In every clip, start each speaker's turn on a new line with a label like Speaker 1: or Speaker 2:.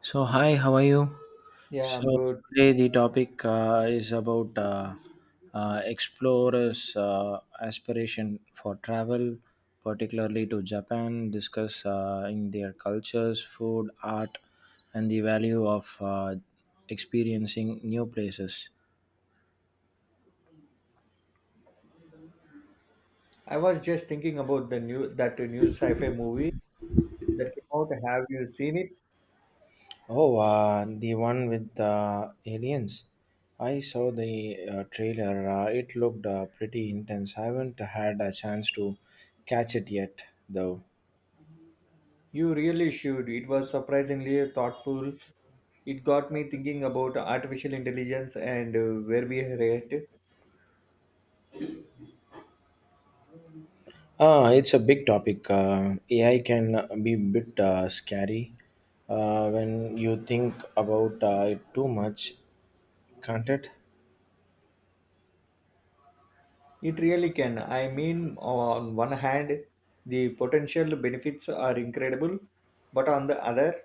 Speaker 1: So, hi, how are you?
Speaker 2: Yeah, I'm
Speaker 1: So,
Speaker 2: good.
Speaker 1: today the topic is about explorers' aspiration for travel, particularly to Japan, discuss in their cultures, food, art, and the value of experiencing new places.
Speaker 2: I was just thinking about the new that new sci-fi movie that came out. Have you seen it?
Speaker 1: Oh, the one with the aliens. I saw the trailer. It looked pretty intense. I haven't had a chance to catch it yet, though.
Speaker 2: You really should. It was surprisingly thoughtful. It got me thinking about artificial intelligence and where we are at.
Speaker 1: It's a big topic. AI can be a bit scary when you think about it too much, can't it?
Speaker 2: It really can. I mean, on one hand, the potential benefits are incredible, but on the other,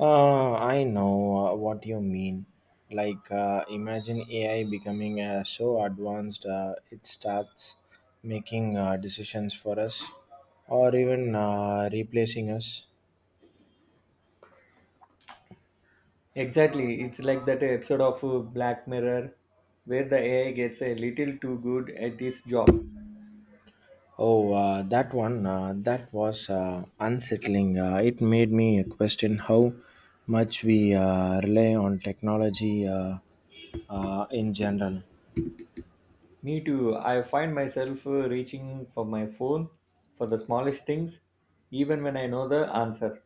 Speaker 1: I know what you mean. Like, imagine AI becoming so advanced, it starts making decisions for us or even replacing us.
Speaker 2: exactly, it's like that episode of Black Mirror where the AI gets a little too good at this job.
Speaker 1: Oh, that one, that was unsettling. It made me question how much we rely on technology, in general.
Speaker 2: Me too. I find myself reaching for my phone for the smallest things, even when I know the answer.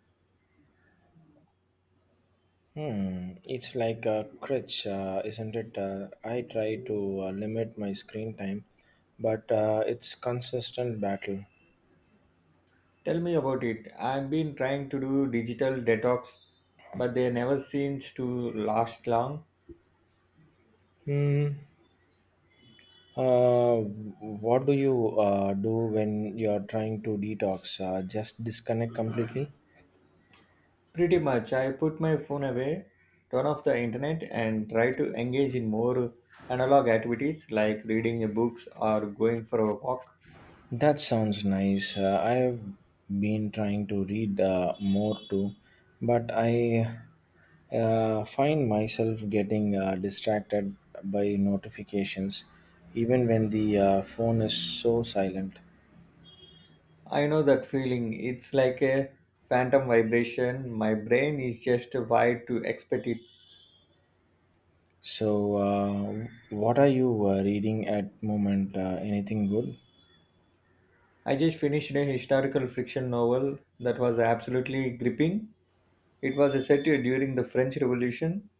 Speaker 1: Hmm, it's like a crutch, isn't it? I try to limit my screen time, but it's consistent battle.
Speaker 2: Tell me about it. I've been trying to do digital detox, but they never seems to last long.
Speaker 1: Hmm. What do you do when you're trying to detox? Just disconnect completely?
Speaker 2: Pretty much, I put my phone away, turn off the internet, and try to engage in more analog activities like reading books or going for a walk.
Speaker 1: That sounds nice. I have been trying to read more too, but I find myself getting distracted by notifications, even when the phone is so silent.
Speaker 2: I know that feeling. It's like a phantom vibration. My brain is just wired to expect it.
Speaker 1: So, what are you reading at moment? Anything good?
Speaker 2: I just finished a historical fiction novel that was absolutely gripping. It was set during the French Revolution.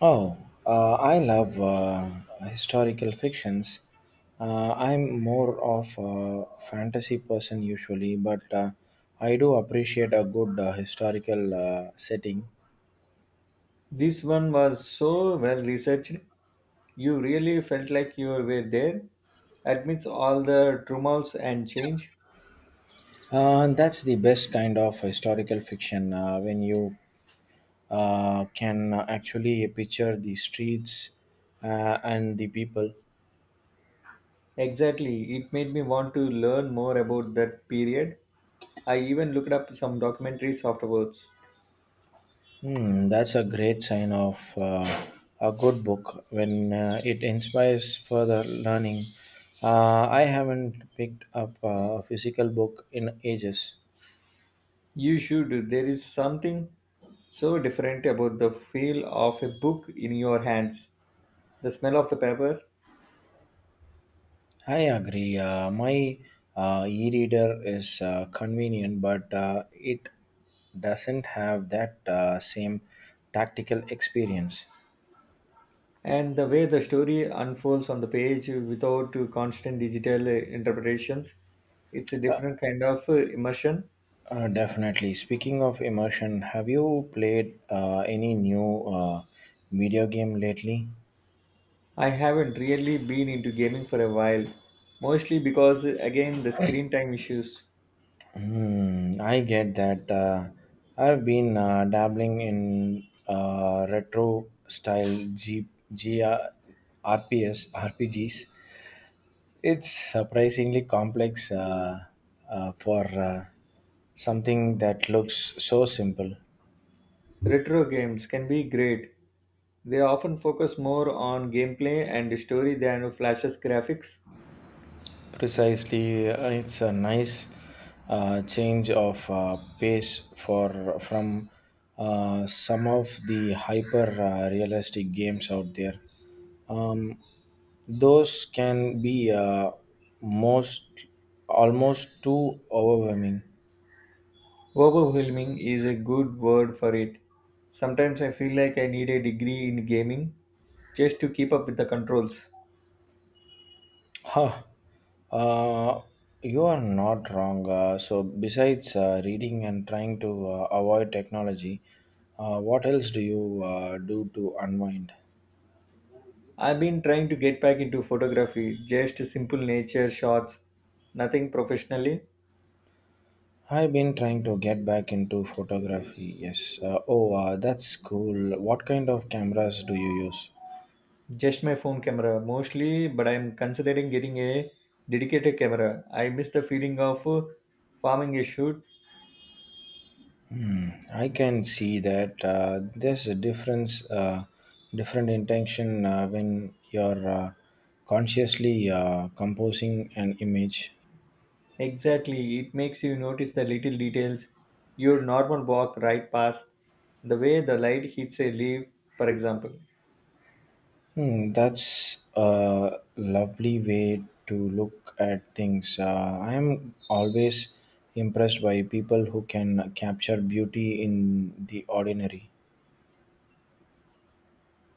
Speaker 1: Oh, I love historical fictions. I'm more of a fantasy person usually, but I do appreciate a good historical setting.
Speaker 2: This one was so well researched, you really felt like you were there, amidst all the tumults and change.
Speaker 1: That's the best kind of historical fiction when you can actually picture the streets and the people.
Speaker 2: Exactly, it made me want to learn more about that period. I even looked up some documentaries afterwards.
Speaker 1: Hmm, that's a great sign of a good book when it inspires further learning. I haven't picked up a physical book in ages.
Speaker 2: You should, there is something so different about the feel of a book in your hands. The smell of the paper,
Speaker 1: I agree. My e reader is convenient, but it doesn't have that same tactical experience.
Speaker 2: and the way the story unfolds on the page without constant digital interpretations, it's a different kind of immersion.
Speaker 1: Definitely. Speaking of immersion, have you played any new video game lately?
Speaker 2: I haven't really been into gaming for a while, mostly because again the screen time issues.
Speaker 1: Hmm, I get that. I've been dabbling in retro style G- RPS. It's surprisingly complex for something that looks so simple.
Speaker 2: Retro games can be great, they often focus more on gameplay and story than flashes graphics.
Speaker 1: Precisely, it's a nice change of pace for from some of the hyper realistic games out there. Those can be most almost too overwhelming.
Speaker 2: Overwhelming is a good word for it, sometimes I feel like I need a degree in gaming just to keep up with the controls.
Speaker 1: Huh. Uh, you are not wrong. So, besides reading and trying to avoid technology, what else do you do to unwind?
Speaker 2: I've been trying to get back into photography, just simple nature shots, nothing professionally,
Speaker 1: I've been trying to get back into photography. Yes. Oh, that's cool. What kind of cameras do you use?
Speaker 2: just my phone camera mostly, but I'm considering getting a dedicated camera. I miss the feeling of farming a shoot.
Speaker 1: I can see that there's a difference, different intention when you're consciously composing an image.
Speaker 2: Exactly, it makes you notice the little details. Your normal walk right past, the way the light hits a leaf, for example.
Speaker 1: Hmm, that's a lovely way to look at things. I am always impressed by people who can capture beauty in the ordinary.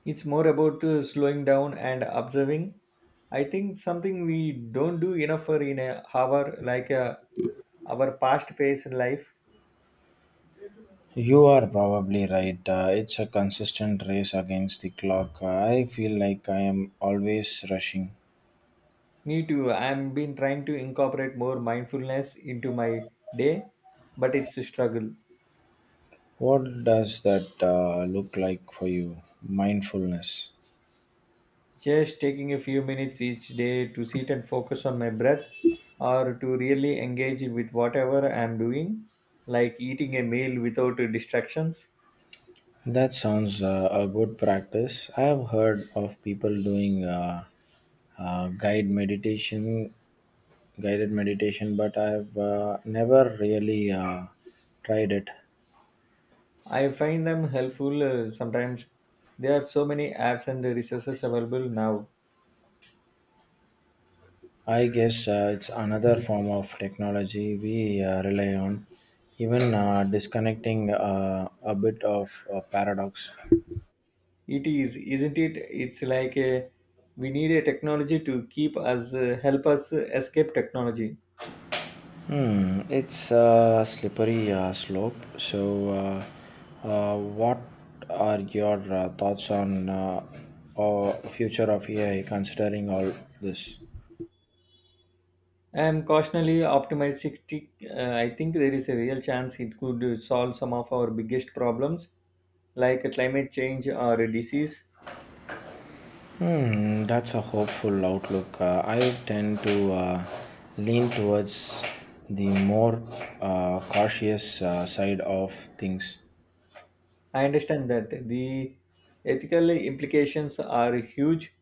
Speaker 2: It's more about slowing down and observing. I think something we don't do enough for in a hour, like a our past phase in life.
Speaker 1: You are probably right. It's a consistent race against the clock. I feel like I am always rushing.
Speaker 2: Me too. I've been trying to incorporate more mindfulness into my day, but it's a struggle.
Speaker 1: What does that look like for you? Mindfulness.
Speaker 2: Just taking a few minutes each day to sit and focus on my breath or to really engage with whatever I'm doing, like eating a meal without distractions.
Speaker 1: That sounds a good practice. I have heard of people doing uh, guide meditation, guided meditation, but I've never really tried it.
Speaker 2: I find them helpful sometimes. There are so many apps and resources available now.
Speaker 1: I guess it's another form of technology we rely on. Even disconnecting a bit of a paradox.
Speaker 2: It is, isn't it? It's like we need a technology to keep us, help us escape technology.
Speaker 1: Hmm, it's a slippery slope. So, what are your thoughts on future of AI considering all this?
Speaker 2: I am cautiously optimistic. I think there is a real chance it could solve some of our biggest problems, like climate change or disease.
Speaker 1: Hmm, that's a hopeful outlook. I tend to lean towards the more cautious side of things.
Speaker 2: I understand that the ethical implications are huge.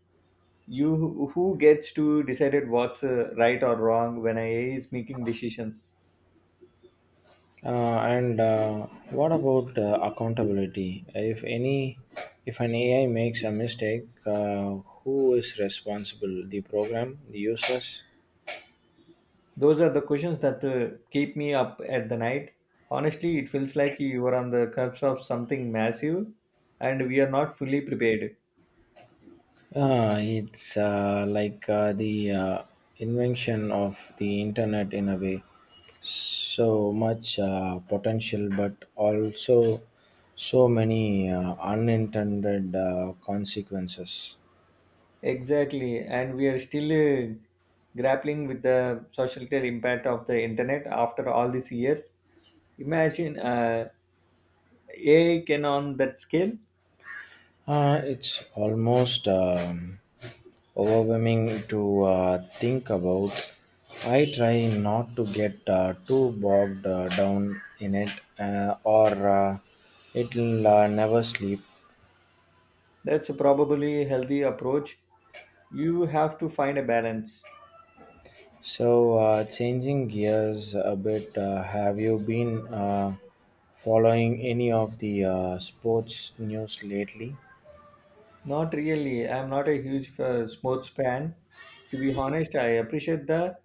Speaker 2: You, who gets to decide what's right or wrong when AI is making decisions?
Speaker 1: And what about accountability? If an AI makes a mistake, who is responsible? The program, the users?
Speaker 2: Those are the questions that keep me up at the night. Honestly, it feels like you are on the cusp of something massive and we are not fully prepared.
Speaker 1: It's like the invention of the internet in a way. So much potential, but also so many unintended consequences.
Speaker 2: Exactly, and we are still grappling with the social impact of the internet after all these years. Imagine AI can on that scale.
Speaker 1: It's almost, overwhelming to think about. I try not to get too bogged down in it, or it'll never sleep.
Speaker 2: That's probably a healthy approach. You have to find a balance.
Speaker 1: So, changing gears a bit, have you been following any of the sports news lately?
Speaker 2: Not really. I'm not a huge sports fan. To be honest, I appreciate the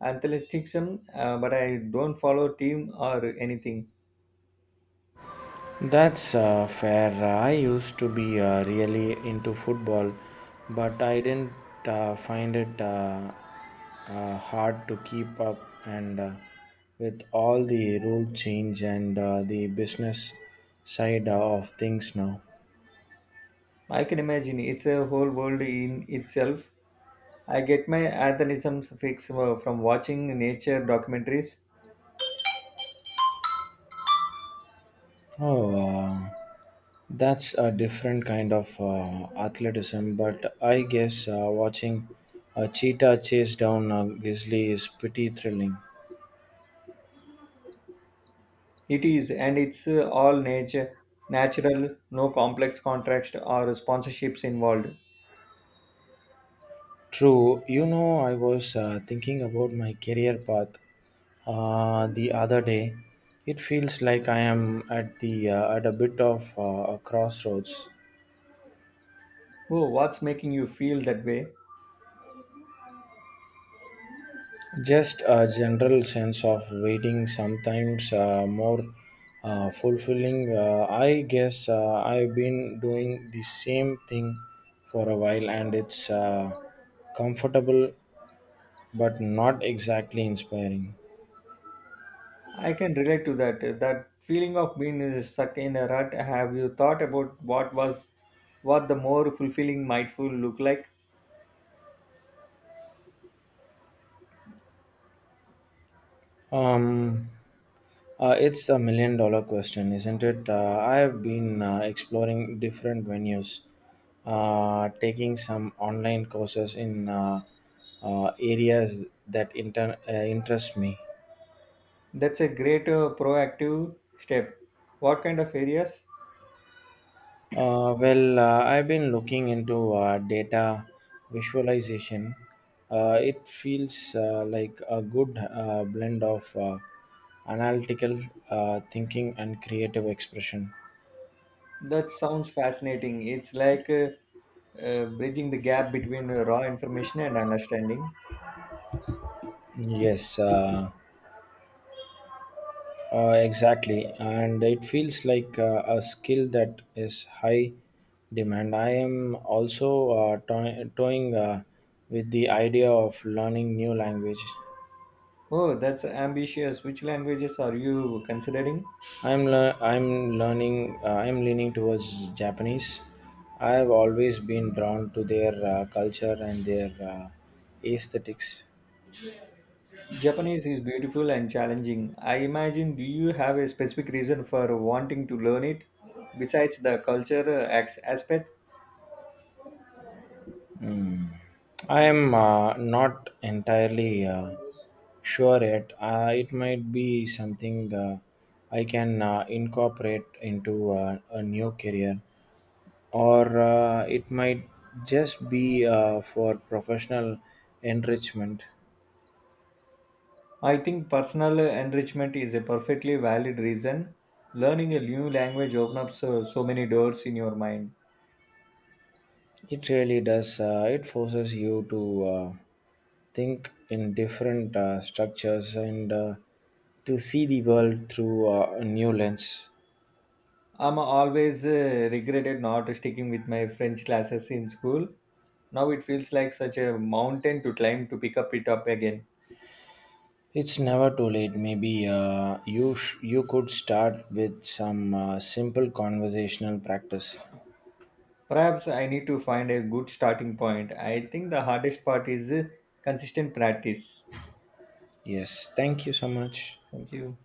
Speaker 2: athleticism, but I don't follow team or anything.
Speaker 1: That's fair. I used to be really into football, but I didn't find it hard to keep up and with all the rule change and the business side of things now.
Speaker 2: I can imagine it's a whole world in itself. I get my athleticism fix from watching nature documentaries.
Speaker 1: Oh, that's a different kind of athleticism, but I guess watching a cheetah chase down a grizzly is pretty thrilling.
Speaker 2: It is, and it's all nature, natural, no complex contracts or sponsorships involved.
Speaker 1: True, I was thinking about my career path the other day. It feels like I am at a bit of a crossroads.
Speaker 2: Oh, what's making you feel that way?
Speaker 1: Just a general sense of waiting, sometimes more fulfilling. I guess I've been doing the same thing for a while, and it's comfortable, but not exactly inspiring.
Speaker 2: I can relate to that. That feeling of being stuck in a rut. Have you thought about what the more fulfilling mindful look like?
Speaker 1: Um, it's a million dollar question, isn't it? I have been exploring different venues, taking some online courses in areas that interest me.
Speaker 2: That's a great proactive step. What kind of areas?
Speaker 1: Well, I've been looking into data visualization. It feels like a good blend of analytical thinking and creative expression.
Speaker 2: That sounds fascinating. It's like bridging the gap between raw information and understanding.
Speaker 1: Yes. Exactly, and it feels like a skill that is high demand. I am also toying with the idea of learning new language.
Speaker 2: Oh, that's ambitious. Which languages are you considering?
Speaker 1: I'm leaning towards Japanese. I have always been drawn to their culture and their aesthetics.
Speaker 2: Japanese is beautiful and challenging. I imagine, do you have a specific reason for wanting to learn it besides the culture aspect?
Speaker 1: Mm. I am not entirely sure yet. It might be something I can incorporate into a new career, or it might just be for professional enrichment.
Speaker 2: I think personal enrichment is a perfectly valid reason. Learning a new language opens up so many doors in your mind.
Speaker 1: It really does. It forces you to think in different structures and to see the world through a new lens.
Speaker 2: I'm always regretted not sticking with my French classes in school. Now it feels like such a mountain to climb to pick up it up again.
Speaker 1: It's never too late. Maybe you could start with some simple conversational practice.
Speaker 2: Perhaps I need to find a good starting point. I think the hardest part is consistent practice.
Speaker 1: Yes, thank you so much.
Speaker 2: Thank you.